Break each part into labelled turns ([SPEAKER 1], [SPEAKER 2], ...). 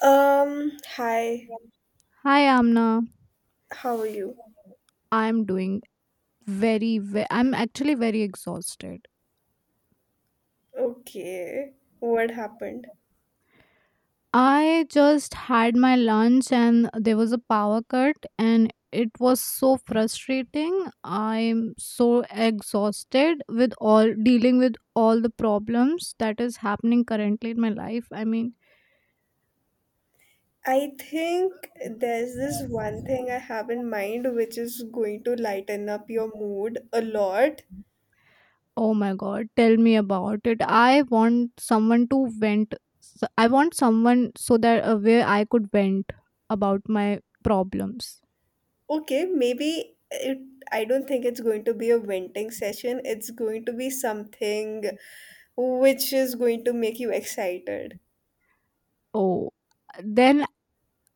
[SPEAKER 1] Hi,
[SPEAKER 2] Hi Amna,
[SPEAKER 1] how are you?
[SPEAKER 2] I'm doing I'm actually very exhausted.
[SPEAKER 1] Okay, what happened?
[SPEAKER 2] I just had my lunch and there was a power cut and it was so frustrating. I'm so exhausted with all dealing with all the problems that is happening currently in my life. I mean.
[SPEAKER 1] I think there's this one thing I have in mind which is going to lighten up your mood a lot.
[SPEAKER 2] Oh my god, tell me about it. I want someone to vent. I want someone so that where I could vent about my problems.
[SPEAKER 1] Okay, I don't think it's going to be a venting session, it's going to be something which is going to make you excited.
[SPEAKER 2] Oh, then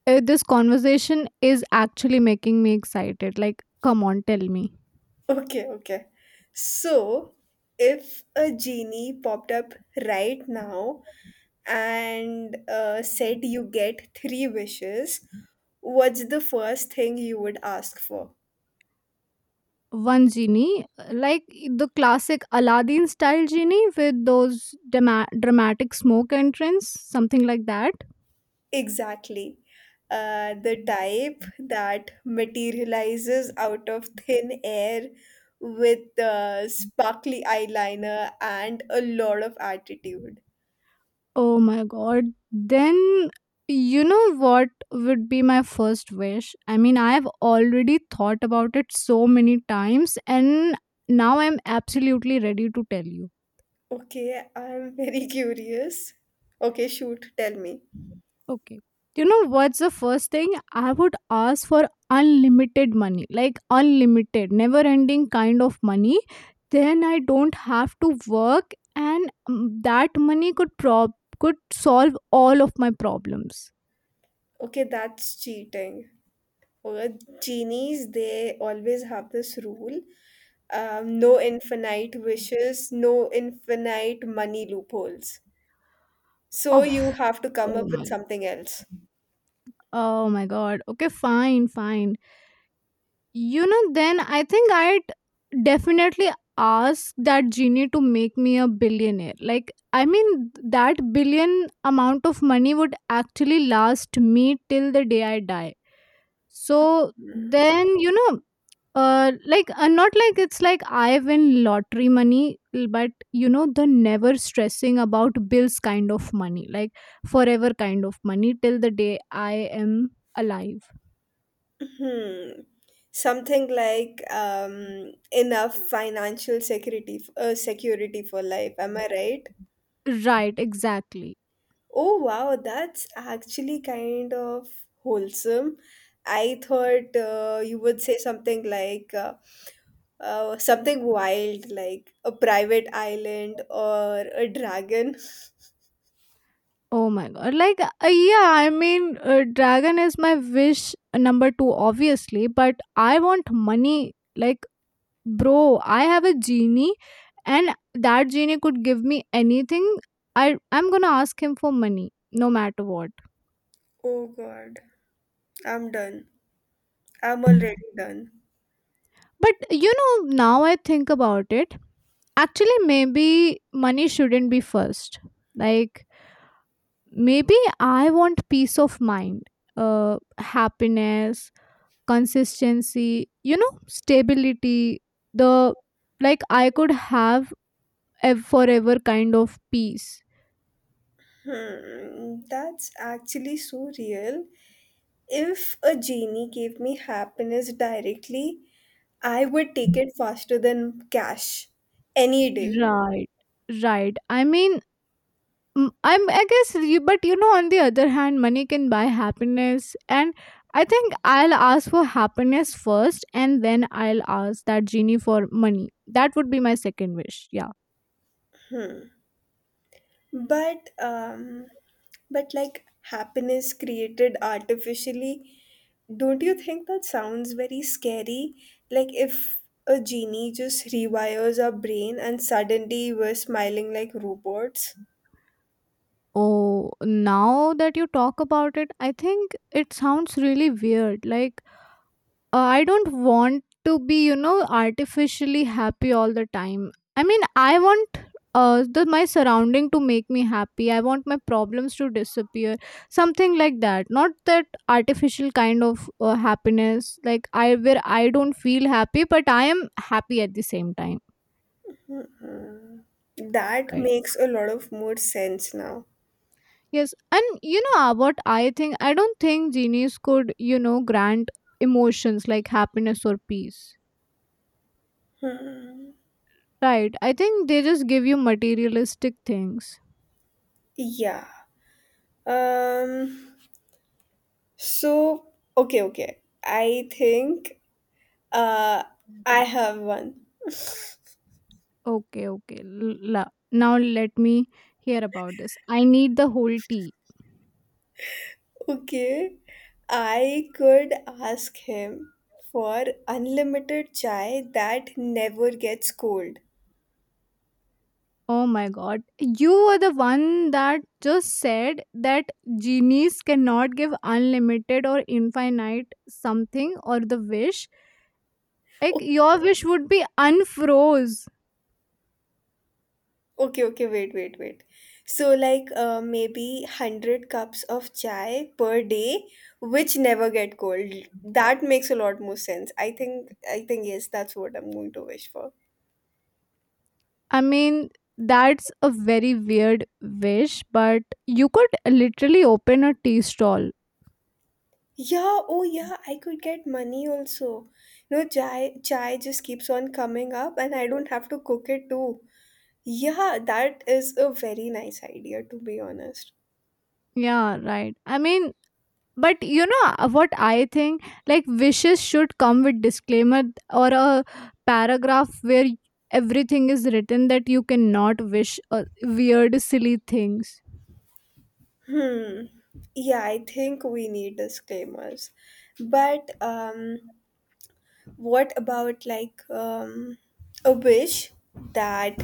[SPEAKER 2] this conversation is actually making me excited. Like, come on, tell me.
[SPEAKER 1] Okay, okay. So, if a genie popped up right now, and said you get three wishes, what's the first thing you would ask for?
[SPEAKER 2] One genie, like the classic Aladdin style genie with those dramatic smoke entrance, something like that.
[SPEAKER 1] Exactly. The type that materializes out of thin air with sparkly eyeliner and a lot of attitude.
[SPEAKER 2] Oh my god. Then you know what would be my first wish? I mean, I've already thought about it so many times, and now I'm absolutely ready to tell you.
[SPEAKER 1] Okay, I'm very curious. Okay, shoot, tell me.
[SPEAKER 2] Okay. You know what's the first thing? I would ask for unlimited money, like unlimited, never ending kind of money. Then I don't have to work, and that money could prob could solve all of my problems.
[SPEAKER 1] Okay, that's cheating. Uh, Genies, they always have this rule, no infinite wishes, no infinite money loopholes. So
[SPEAKER 2] Oh,
[SPEAKER 1] you have to come
[SPEAKER 2] Oh
[SPEAKER 1] up with
[SPEAKER 2] my
[SPEAKER 1] something else.
[SPEAKER 2] Oh my god. Okay, fine, fine. You know, then I think I'd definitely ask that genie to make me a billionaire. Like, I mean, that billion amount of money would actually last me till the day I die. So then, you know, like, not like it's like I win lottery money, but you know, the never stressing about bills kind of money, like forever kind of money till the day I am alive.
[SPEAKER 1] Hmm. Something like enough financial security, security for life. Am I right?
[SPEAKER 2] Right, exactly.
[SPEAKER 1] Oh wow, that's actually kind of wholesome. I thought you would say something like something wild, like a private island or a dragon.
[SPEAKER 2] Oh my god. Like, yeah, I mean, dragon is my wish number two, obviously, but I want money. Like, bro, I have a genie, and that genie could give me anything. I'm gonna ask him for money, no matter what.
[SPEAKER 1] Oh god, I'm done. I'm already done.
[SPEAKER 2] But, you know, now I think about it, actually, maybe money shouldn't be first. Like, maybe I want peace of mind, happiness, consistency, you know, stability, the like I could have a forever kind of peace.
[SPEAKER 1] Hmm, that's actually so real. If a genie gave me happiness directly, I would take it faster than cash any day.
[SPEAKER 2] Right, right. I mean, I guess, but you know, on the other hand, money can buy happiness. And I think I'll ask for happiness first, and then I'll ask that genie for money. That would be my second wish. Yeah.
[SPEAKER 1] but um but like happiness created artificially, don't you think that sounds very scary? Like, if a genie just rewires our brain and suddenly we're smiling like robots?
[SPEAKER 2] Oh, now that you talk about it, I think it sounds really weird. Like, I don't want to be, you know, artificially happy all the time. I mean, I want my surrounding to make me happy. I want my problems to disappear. Something like that. Not that artificial kind of happiness, like I where I don't feel happy, but I am happy at the same time.
[SPEAKER 1] Hmm. That
[SPEAKER 2] Right.
[SPEAKER 1] makes a lot of more sense now.
[SPEAKER 2] Yes, and you know what I think. I don't think genies could, you know, grant emotions like happiness or peace.
[SPEAKER 1] Hmm.
[SPEAKER 2] Right. I think they just give you materialistic things.
[SPEAKER 1] Yeah. um so, okay, okay, I think, uh I have one.
[SPEAKER 2] Okay, okay. Now let me hear about this. I need the whole tea.
[SPEAKER 1] Okay, I could ask him for unlimited chai that never gets cold.
[SPEAKER 2] Oh my god. You were the one that just said that genies cannot give unlimited or infinite something or the wish. Like,
[SPEAKER 1] Okay,
[SPEAKER 2] your wish would be unfroze.
[SPEAKER 1] okay, okay, wait, wait, wait. So, like, maybe 100 cups of chai per day, which never get cold. That makes a lot more sense. I think, yes, that's what I'm going to wish for.
[SPEAKER 2] I mean, that's a very weird wish, but you could literally open a tea stall.
[SPEAKER 1] Yeah, oh yeah, I could get money also. Chai, just keeps on coming up, and I don't have to cook it too. Yeah, that is a very nice idea, to be honest.
[SPEAKER 2] Yeah, right. I mean, but you know what I think, like wishes should come with disclaimer, or a paragraph where everything is written that you cannot wish weird silly things.
[SPEAKER 1] Hmm. Yeah, I think we need disclaimers. But what about like, a wish that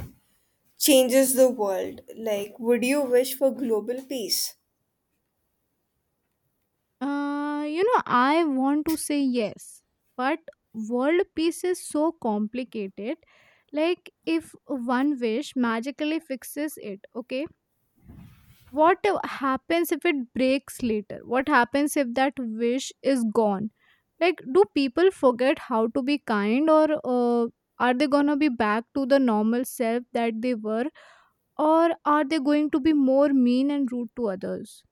[SPEAKER 1] changes the world? Like, would you wish for global peace?
[SPEAKER 2] You know, I want to say yes, but world peace is so complicated. Like, if one wish magically fixes it, okay, what happens if it breaks later? What happens if that wish is gone? Like, do people forget how to be kind, or are they gonna be back to the normal self that they were, or are they going to be more mean and rude to others?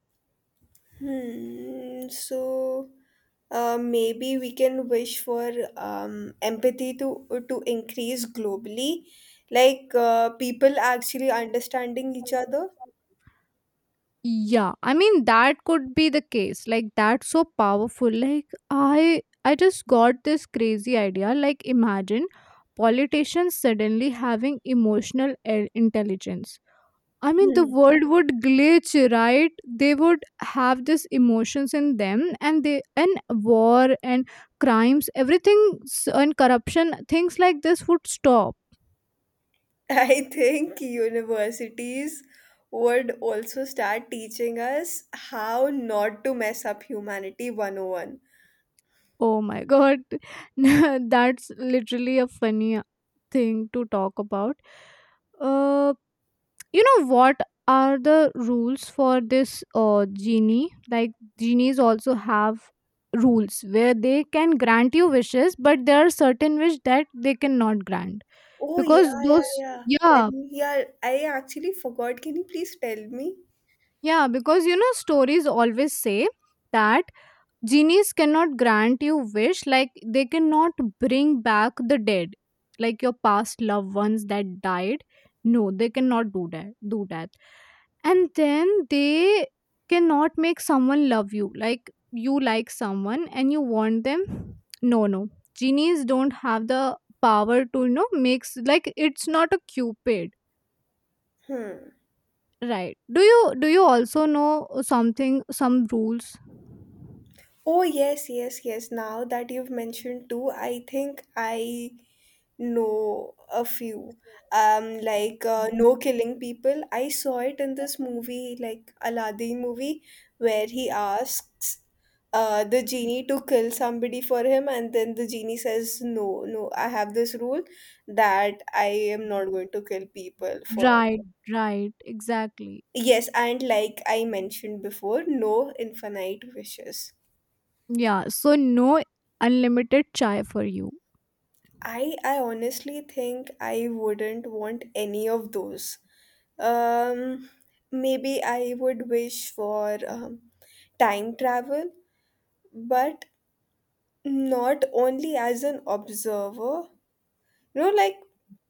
[SPEAKER 1] Hmm. So, maybe we can wish for empathy to increase globally, like people actually understanding each other.
[SPEAKER 2] Yeah, I mean, that could be the case. Like, that's so powerful. Like, I just got this crazy idea. Like, imagine politicians suddenly having emotional intelligence. I mean, the
[SPEAKER 1] Hmm.
[SPEAKER 2] world would glitch, right? They would have these emotions in them, and war and crimes, everything and corruption, things like this would stop.
[SPEAKER 1] I think universities would also start teaching us how not to mess up humanity 101. Oh, one.
[SPEAKER 2] Oh my god. That's literally a funny thing to talk about. Uh, you know, what are the rules for this genie? Like, genies also have rules where they can grant you wishes, but there are certain wish that they cannot grant
[SPEAKER 1] Oh,
[SPEAKER 2] because
[SPEAKER 1] yeah, yeah,
[SPEAKER 2] those
[SPEAKER 1] yeah.
[SPEAKER 2] yeah,
[SPEAKER 1] Tell me, yeah, I actually forgot. Can you please tell me?
[SPEAKER 2] yeah. Because, you know, stories always say that genies cannot grant you wish, like they cannot bring back the dead, like your past loved ones that died. No, they cannot do that. And then they cannot make someone love you, like you like someone and you want them. No, no, genies don't have the power to, you know, makes, like it's not a cupid.
[SPEAKER 1] Hmm.
[SPEAKER 2] Right? Do you also know something, some rules?
[SPEAKER 1] Oh, yes, yes, yes. Now that you've mentioned too, I think I— No, a few. Like, no killing people. I saw it in this movie, like Aladdin movie, where he asks the genie to kill somebody for him, and then the genie says, "No, no, I have this rule that I am not going to kill people for."
[SPEAKER 2] Right, right, exactly.
[SPEAKER 1] Yes, and like I mentioned before, no infinite wishes.
[SPEAKER 2] Yeah, so no unlimited chai for you.
[SPEAKER 1] I honestly think I wouldn't want any of those. Um, Maybe I would wish for time travel, but not only as an observer. Like,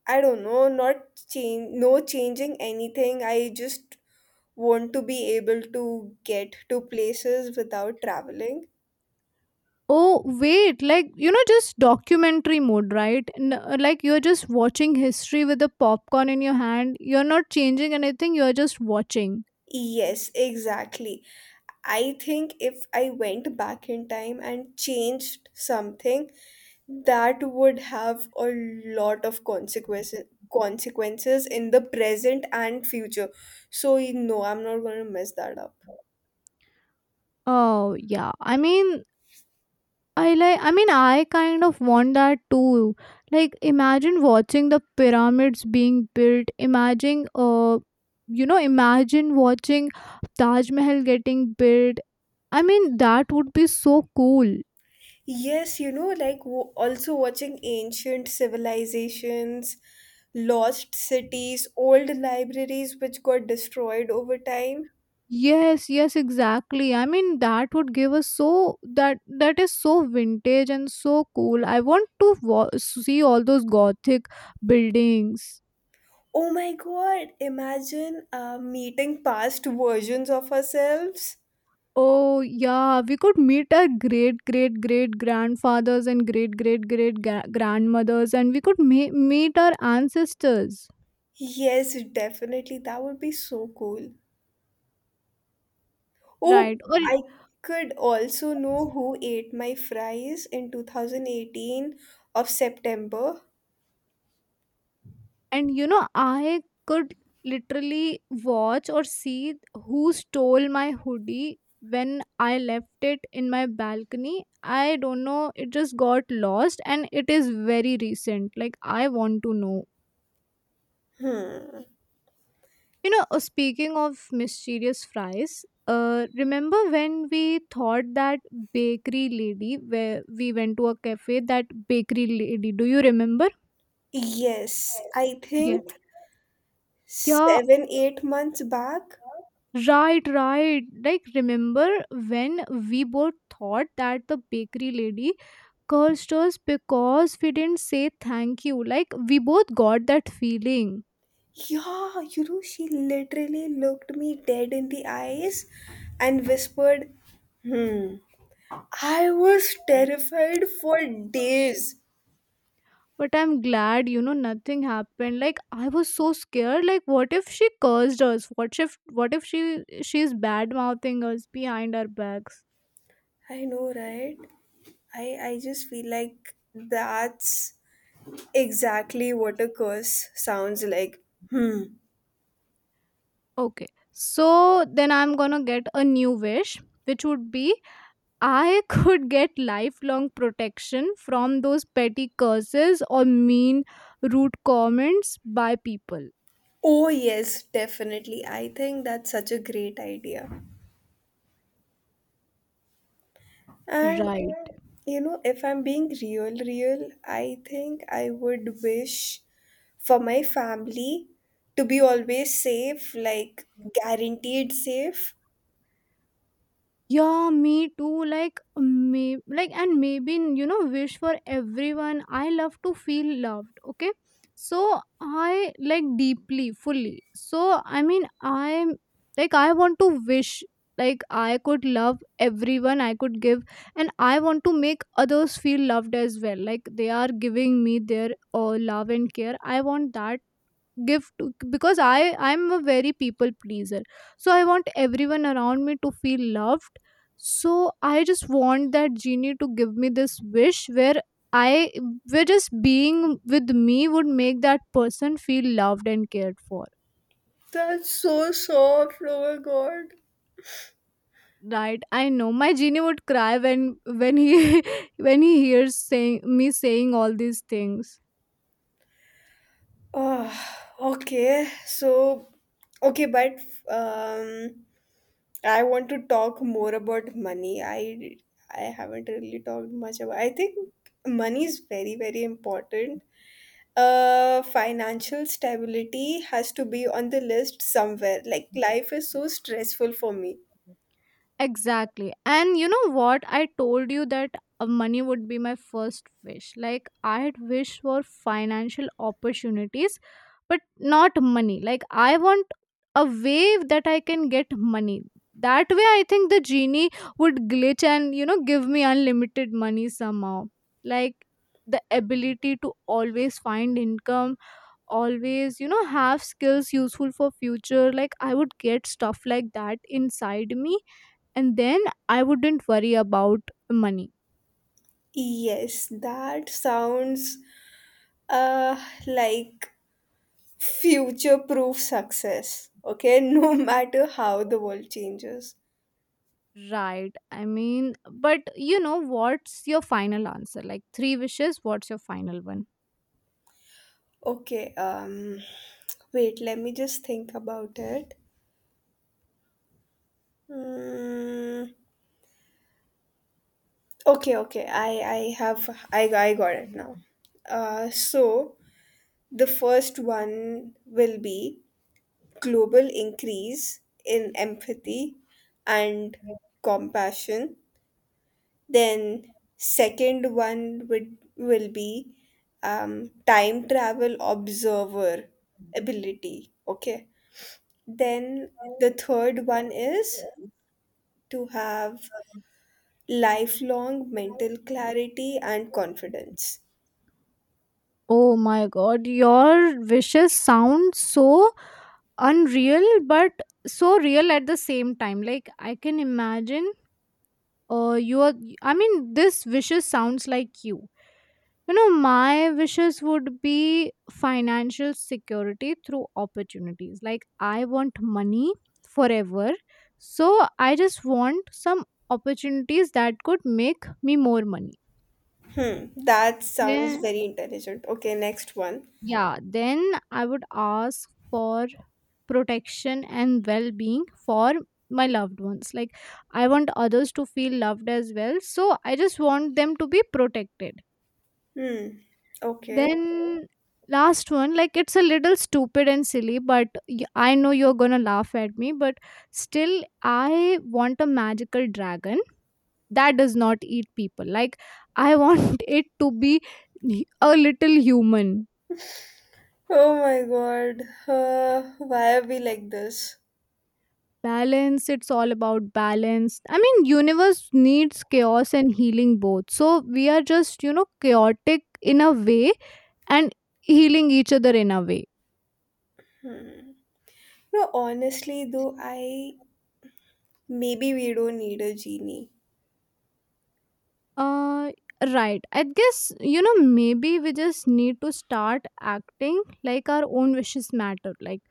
[SPEAKER 1] I don't know, not change, no changing anything. I just want to be able to get to places without traveling.
[SPEAKER 2] Oh, wait, like, you know, just documentary mode, right? Like, you're just watching history with the popcorn in your hand. You're not changing anything, you're just watching.
[SPEAKER 1] Yes, exactly. I think if I went back in time and changed something, that would have a lot of consequences in the present and future. So, I'm not going to mess that up.
[SPEAKER 2] Oh, yeah. I mean, I kind of want that too. Like, imagine watching the pyramids being built. Imagine, you know, imagine watching Taj Mahal getting built. I mean, that would be so cool.
[SPEAKER 1] Yes, like also watching ancient civilizations, lost cities, old libraries which got destroyed over time.
[SPEAKER 2] Yes, yes, exactly. I mean, that would give us that is so vintage and so cool. I want to see all those gothic buildings.
[SPEAKER 1] Oh my god, imagine meeting past versions of ourselves.
[SPEAKER 2] Oh, yeah, we could meet our great great great grandfathers and great great great grandmothers, and we could meet our ancestors,
[SPEAKER 1] Yes, definitely. That would be so cool. Oh,
[SPEAKER 2] right? Or
[SPEAKER 1] I could also know who ate my fries in 2018 of September.
[SPEAKER 2] and, you know, I could literally watch or see who stole my hoodie when I left it in my balcony. I don't know, it just got lost, and it is very recent. Like, I want to know.
[SPEAKER 1] Hmm.
[SPEAKER 2] You know, speaking of mysterious fries, remember when we thought that bakery lady, where we went to a cafe, that bakery lady, do you remember?
[SPEAKER 1] Yes, I
[SPEAKER 2] Yeah.
[SPEAKER 1] think
[SPEAKER 2] Yeah.
[SPEAKER 1] 7, 8 months back.
[SPEAKER 2] Right, right. Like, remember when we both thought that the bakery lady cursed us because we didn't say thank you? Like, we both got that feeling.
[SPEAKER 1] Yeah, she literally looked me dead in the eyes and whispered, Hmm. I was terrified for days.
[SPEAKER 2] But I'm glad, you know, nothing happened. Like, I was so scared. Like, what if she cursed us? What if she's bad mouthing us behind our backs?
[SPEAKER 1] I know, right? I just feel like that's exactly what a curse sounds like. Hmm.
[SPEAKER 2] Okay, so then I'm gonna get a new wish, which would be I could get lifelong protection from those petty curses, or mean, rude comments by people.
[SPEAKER 1] Oh, yes, definitely. I think that's such a great idea. And,
[SPEAKER 2] Right.
[SPEAKER 1] if I'm being real, real, I think I would wish for my family to be always safe, like guaranteed safe.
[SPEAKER 2] Yeah, me too. Like, may like, and maybe you know, wish for everyone. I love to feel loved. Okay, so I like deeply, fully. So I mean, I'm like, I want to wish, like I could love everyone. I could give, and I want to make others feel loved as well. Like, they are giving me their love and care. I want that give to, because I'm a very people pleaser, so I want everyone around me to feel loved. So I just want that genie to give me this wish where I where just being with me would make that person feel loved and cared for.
[SPEAKER 1] That's so soft. Oh my god.
[SPEAKER 2] Right. I know my genie would cry when he when he hears saying me saying all these things.
[SPEAKER 1] Uh, okay, so okay, but um, I want to talk more about money. I haven't really talked much about. I think money is very very important. Financial stability has to be on the list somewhere. Like, life is so stressful for me.
[SPEAKER 2] Exactly. And you know what? I told you that money would be my first wish. Like, I had wished for financial opportunities, but not money. Like, I want a way that I can get money. That way, I think the genie would glitch and, you know, give me unlimited money somehow. Like, the ability to always find income, always, you know, have skills useful for future. Like, I would get stuff like that inside me, and then I wouldn't worry about money.
[SPEAKER 1] Yes, that sounds like future proof success, okay? No matter how the world changes.
[SPEAKER 2] Right. I mean, but you know, what's your final answer? Like, three wishes, what's your final one?
[SPEAKER 1] Okay, wait, let me just think about it. Mm. Okay, okay, I have I got it now. So, the first one will be global increase in empathy and compassion. Then second one would will be time travel observer ability. Okay. Then the third one is
[SPEAKER 2] Oh
[SPEAKER 1] to have lifelong mental clarity and confidence.
[SPEAKER 2] my god, your wishes sound so unreal, but so real at the same time. Like, I can imagine you are I mean, this wishes sounds like you. You know, my wishes would be financial security through opportunities. Like, I want money forever. So, I just want some opportunities that could make me more money.
[SPEAKER 1] Hmm, that sounds
[SPEAKER 2] Yeah.
[SPEAKER 1] very intelligent. Okay, next one.
[SPEAKER 2] Yeah. Then I would ask for protection and well being for my loved ones. Like, I want others to feel loved as well. So, I just want them to be protected.
[SPEAKER 1] Hmm, okay.
[SPEAKER 2] Then last one, like it's a little stupid and silly, but I know you're gonna laugh at me, but still, I want a magical dragon that does not eat people. Like, I want it to be a little human.
[SPEAKER 1] Oh my god. Why are we like this?
[SPEAKER 2] Balance, it's all about balance. I mean, universe needs chaos and healing both. So we are just, you know, chaotic in a way and healing each other in a way.
[SPEAKER 1] No, honestly, though, I maybe we don't need a genie.
[SPEAKER 2] Uh, right. I guess, you know, maybe we just need to start acting like our own wishes matter. Like,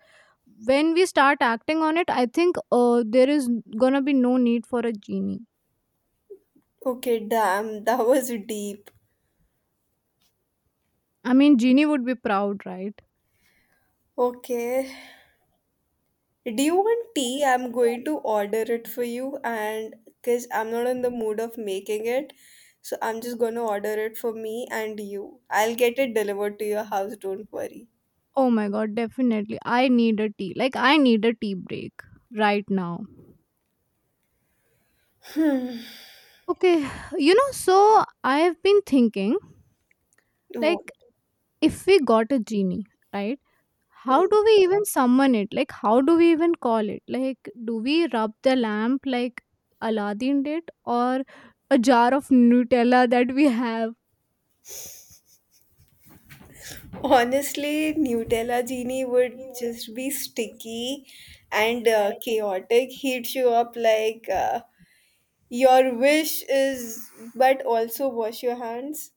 [SPEAKER 2] when we start acting on it, I think there is gonna be no need for a genie.
[SPEAKER 1] Okay, damn, that was deep.
[SPEAKER 2] I mean, genie would be proud, right?
[SPEAKER 1] Okay. Do you want tea? I'm going to order it for you and because I'm not in the mood of making it. So I'm just gonna order it for me and you. I'll get it delivered to your house, don't worry.
[SPEAKER 2] Oh my god, definitely. I need a tea. Like, I need a tea break right now. Okay, you know, so I have been thinking,
[SPEAKER 1] Wo-
[SPEAKER 2] like, if we got a genie, right? How
[SPEAKER 1] Hmm.
[SPEAKER 2] do we even summon it? Like, how do we even call it? Like, do we rub the lamp like Aladdin did, or a jar of Nutella that we have?
[SPEAKER 1] Honestly, Nutella Genie would just be sticky and chaotic. He'd show up like, "Your wish is, but also wash your hands."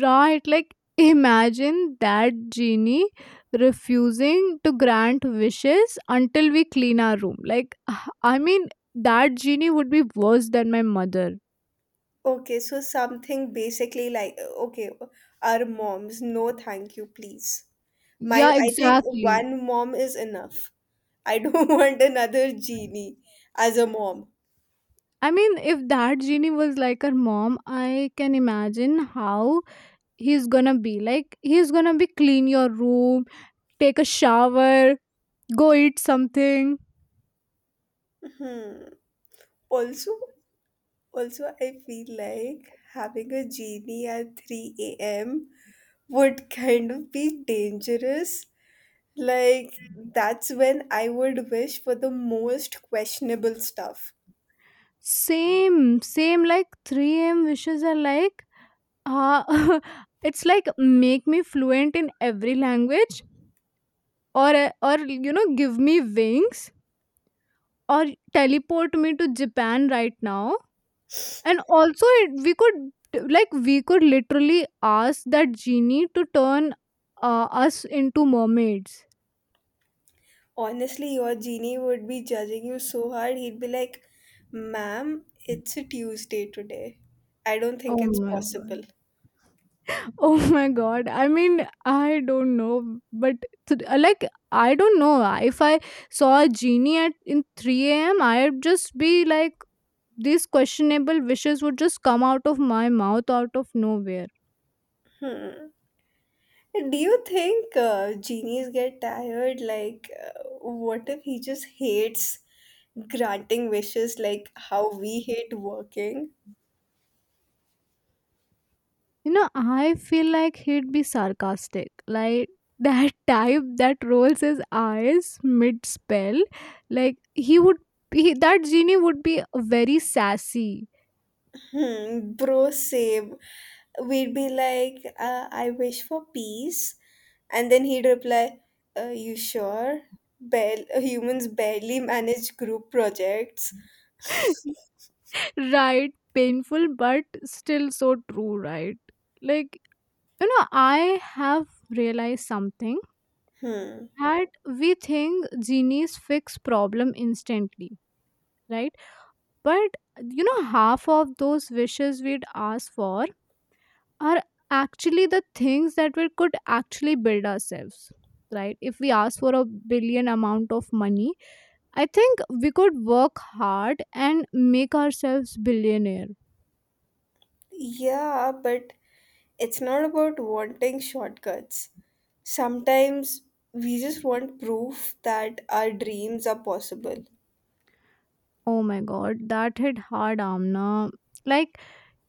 [SPEAKER 2] Right? Like, imagine that genie refusing to grant wishes until we clean our room. Like, I mean, that genie would be worse than my mother.
[SPEAKER 1] Okay, so something basically like, okay, our moms, no thank you, please. My
[SPEAKER 2] Yeah,
[SPEAKER 1] I think
[SPEAKER 2] exactly.
[SPEAKER 1] one mom is enough. I don't want another genie as a mom.
[SPEAKER 2] I mean, if that genie was like her mom, I can imagine how he's gonna be, like, he's gonna be clean your room, take a shower, go eat something.
[SPEAKER 1] Hmm. Also, I feel like having a genie at 3 a.m. would kind of be dangerous. Like, that's when I would wish for the most questionable stuff.
[SPEAKER 2] Same, like, 3 a.m. wishes are like, uh, it's like make me fluent in every language, or or you know, give me wings, or teleport me to japan right now. And also it, we could, we could literally ask that genie to turn us into mermaids.
[SPEAKER 1] Honestly, your genie would be judging you so hard. He'd be like, "Ma'am, it's a Tuesday today. I don't think
[SPEAKER 2] Oh
[SPEAKER 1] it's
[SPEAKER 2] my god.
[SPEAKER 1] possible."
[SPEAKER 2] Oh my god. I mean, I don't know, but like, I don't know. If I saw a genie at in 3 a.m., I'd just be like these questionable wishes would just come out of my mouth out of nowhere.
[SPEAKER 1] Hmm. Do you think genies get tired? Like, what if he just hates granting wishes like how we hate working?
[SPEAKER 2] You know, I feel like he'd be sarcastic. Like, that type that rolls his eyes mid spell. Like he would be, that genie would be very sassy.
[SPEAKER 1] Hmm, bro, same. We'd be like, "I wish for peace." And then he'd reply, "You sure? Humans barely manage group projects."
[SPEAKER 2] Right, painful but still so true, right? Like, you know, I have realized something,
[SPEAKER 1] Hmm.
[SPEAKER 2] that we think genies fix problem instantly, right? But you know, half of those wishes we'd ask for are actually the things that we could actually build ourselves. Right. If we ask for a billion amount of money, I think we could work hard and make ourselves billionaire.
[SPEAKER 1] Yeah, but it's not about wanting shortcuts. Sometimes we just want proof that our dreams are possible.
[SPEAKER 2] Oh my god, that hit hard, Amna. Like,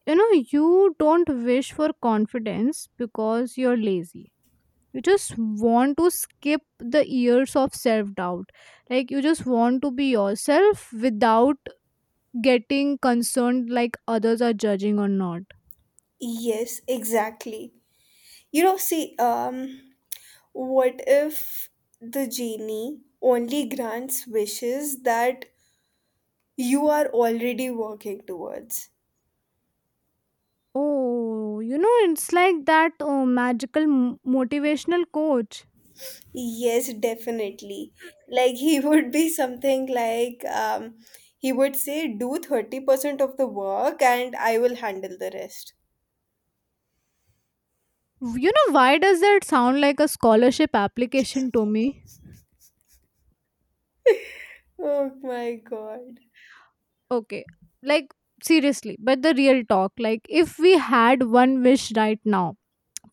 [SPEAKER 2] you know, you don't wish for confidence because you're lazy. You just want to skip the years of self doubt. Like, you just want to be yourself without getting concerned like others are judging or not.
[SPEAKER 1] Yes, exactly. See, what if the genie only grants wishes that you are already working towards?
[SPEAKER 2] Oh, you know, it's like that oh, magical motivational coach.
[SPEAKER 1] Yes, definitely. Like, he would be something like, he would say, "Do 30% of the work, and I will handle the rest."
[SPEAKER 2] You know, why does that sound like a scholarship application to me?
[SPEAKER 1] Oh my god.
[SPEAKER 2] Okay. Like, seriously, but the real talk, like if we had one wish right now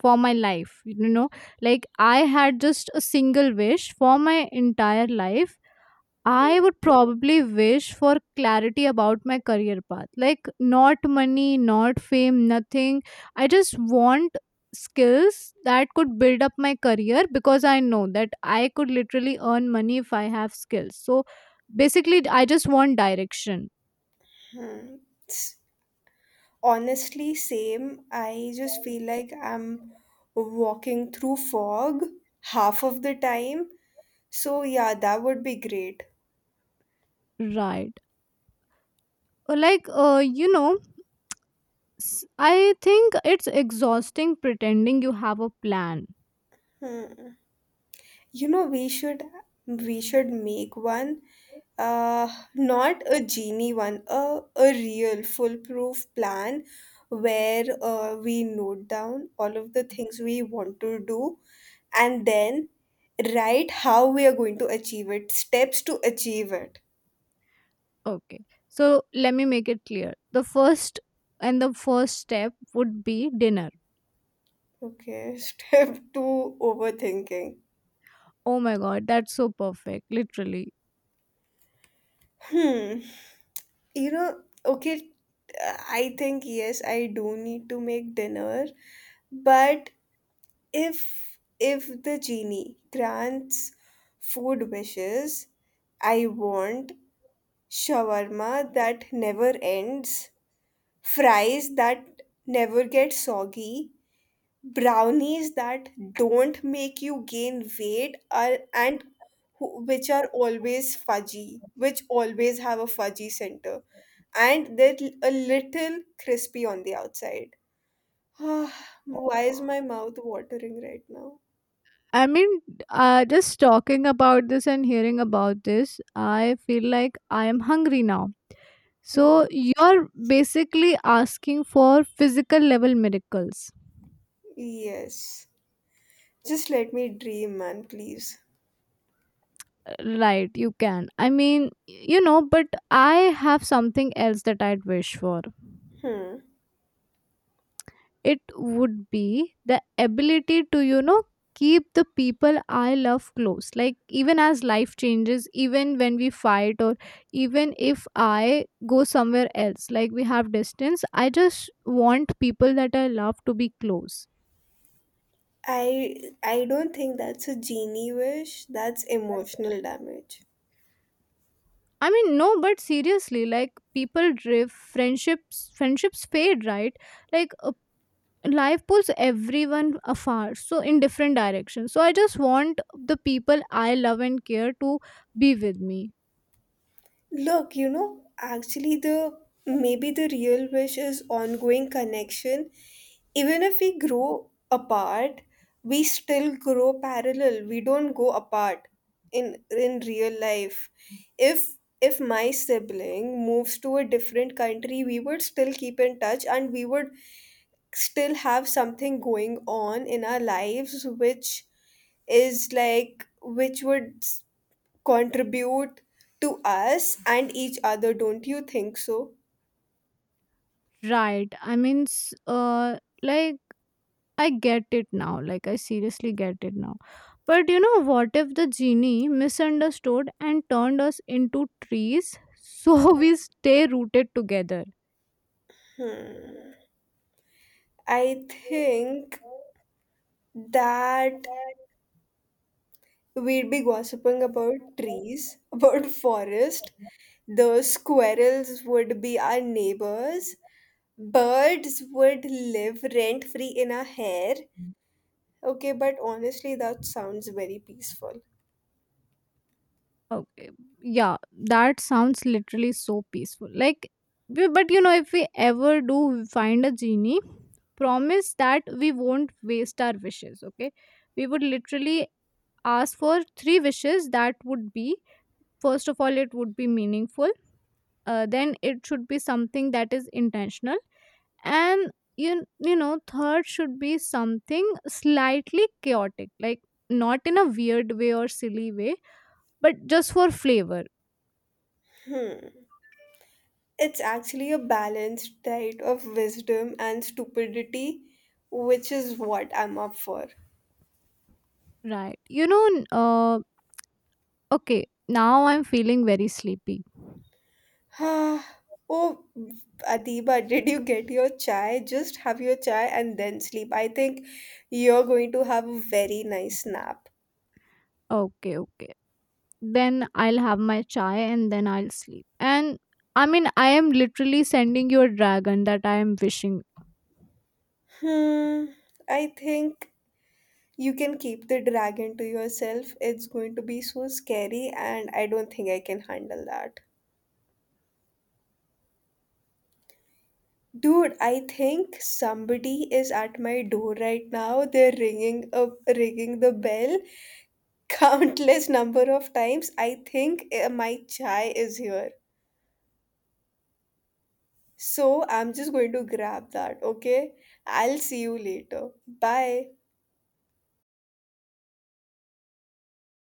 [SPEAKER 2] for my life, you know, like I had just a single wish for my entire life, I would probably wish for clarity about my career path. Like not money, not fame, nothing. I just want skills that could build up my career because I know that I could literally earn money if I have skills. So basically I just want direction.
[SPEAKER 1] Hmm. S- Honestly, same. I just feel like I'm walking through fog half of the time. So, yeah, that would be great.
[SPEAKER 2] Right. Like you know, I think it's exhausting pretending you have a plan.
[SPEAKER 1] Hmm. You know, we should we should make one, uh, not a genie one, a real foolproof plan where, we note down all of the things we want to do and then write how we are going to achieve it, steps to achieve it.
[SPEAKER 2] Okay, so let me make it clear, the first, and the first step would be dinner.
[SPEAKER 1] Okay, step two, overthinking.
[SPEAKER 2] Oh my god, that's so perfect, literally.
[SPEAKER 1] Hmm. Okay, I think yes, I do need to make dinner, but if the genie grants food wishes, I want shawarma that never ends, fries that never get soggy, brownies that don't make you gain weight, which are always fudgy, which always have a fudgy center, and they're a little crispy on the outside. Why is my mouth watering right now?
[SPEAKER 2] I mean, just talking about this and hearing about this, I feel like I am hungry now. So you're basically asking for physical level miracles.
[SPEAKER 1] Yes. Just let me dream, man, please.
[SPEAKER 2] Right, you can. I mean, you know, but I have something else that I'd wish for.
[SPEAKER 1] Hmm.
[SPEAKER 2] It would be the ability to, you know, keep the people I love close. Like, even as life changes, even when we fight, or even if I go somewhere else, like we have distance, I just want people that I love to be close.
[SPEAKER 1] I don't think that's a genie wish. That's emotional damage.
[SPEAKER 2] I mean, no, but seriously, like people drift, friendships, fade, right? Like life pulls everyone afar so in different directions, so I just want the people I love and care to be with me.
[SPEAKER 1] Look, actually, the maybe the real wish is ongoing connection. Even if we grow apart, we still grow parallel. We don't go apart in real life. If my sibling moves to a different country, we would still keep in touch and we would still have something going on in our lives, which is like which would s- contribute to us and each other. Don't you think so?
[SPEAKER 2] Right, I mean, like, I get it now, like I seriously get it now. But you know what if the genie misunderstood and turned us into trees so we stay rooted together.
[SPEAKER 1] I think that we'd be gossiping about trees, about forest. The squirrels would be our neighbors. Birds would live rent free in our hair. Okay, but honestly, that sounds very peaceful.
[SPEAKER 2] Okay. Yeah, that sounds literally so peaceful. Like, but you know, if we ever do find a genie, promise that we won't waste our wishes. Okay. We would literally ask for three wishes that would be, first of all, it would be meaningful, then it should be something that is intentional, and you know, third should be something slightly chaotic, like not in a weird way or silly way, but just for flavor.
[SPEAKER 1] It's actually a balanced diet of wisdom and stupidity, which is what I'm up for.
[SPEAKER 2] Right. You know, okay, now I'm feeling very sleepy.
[SPEAKER 1] Oh, Adiba, did you get your chai? Just have your chai and then sleep. I think you're going to have a very nice nap.
[SPEAKER 2] Okay, okay. Then I'll have my chai and then I'll sleep. And I mean, I am literally sending you a dragon that I am wishing
[SPEAKER 1] Hmm, I think you can keep the dragon to yourself. It's going to be so scary, and I don't think I can handle that. Dude, I think somebody is at my door right now. They're ringing up, ringing the bell countless number of times. I think my chai is here. So I'm just going to grab that, okay? I'll see you later. Bye.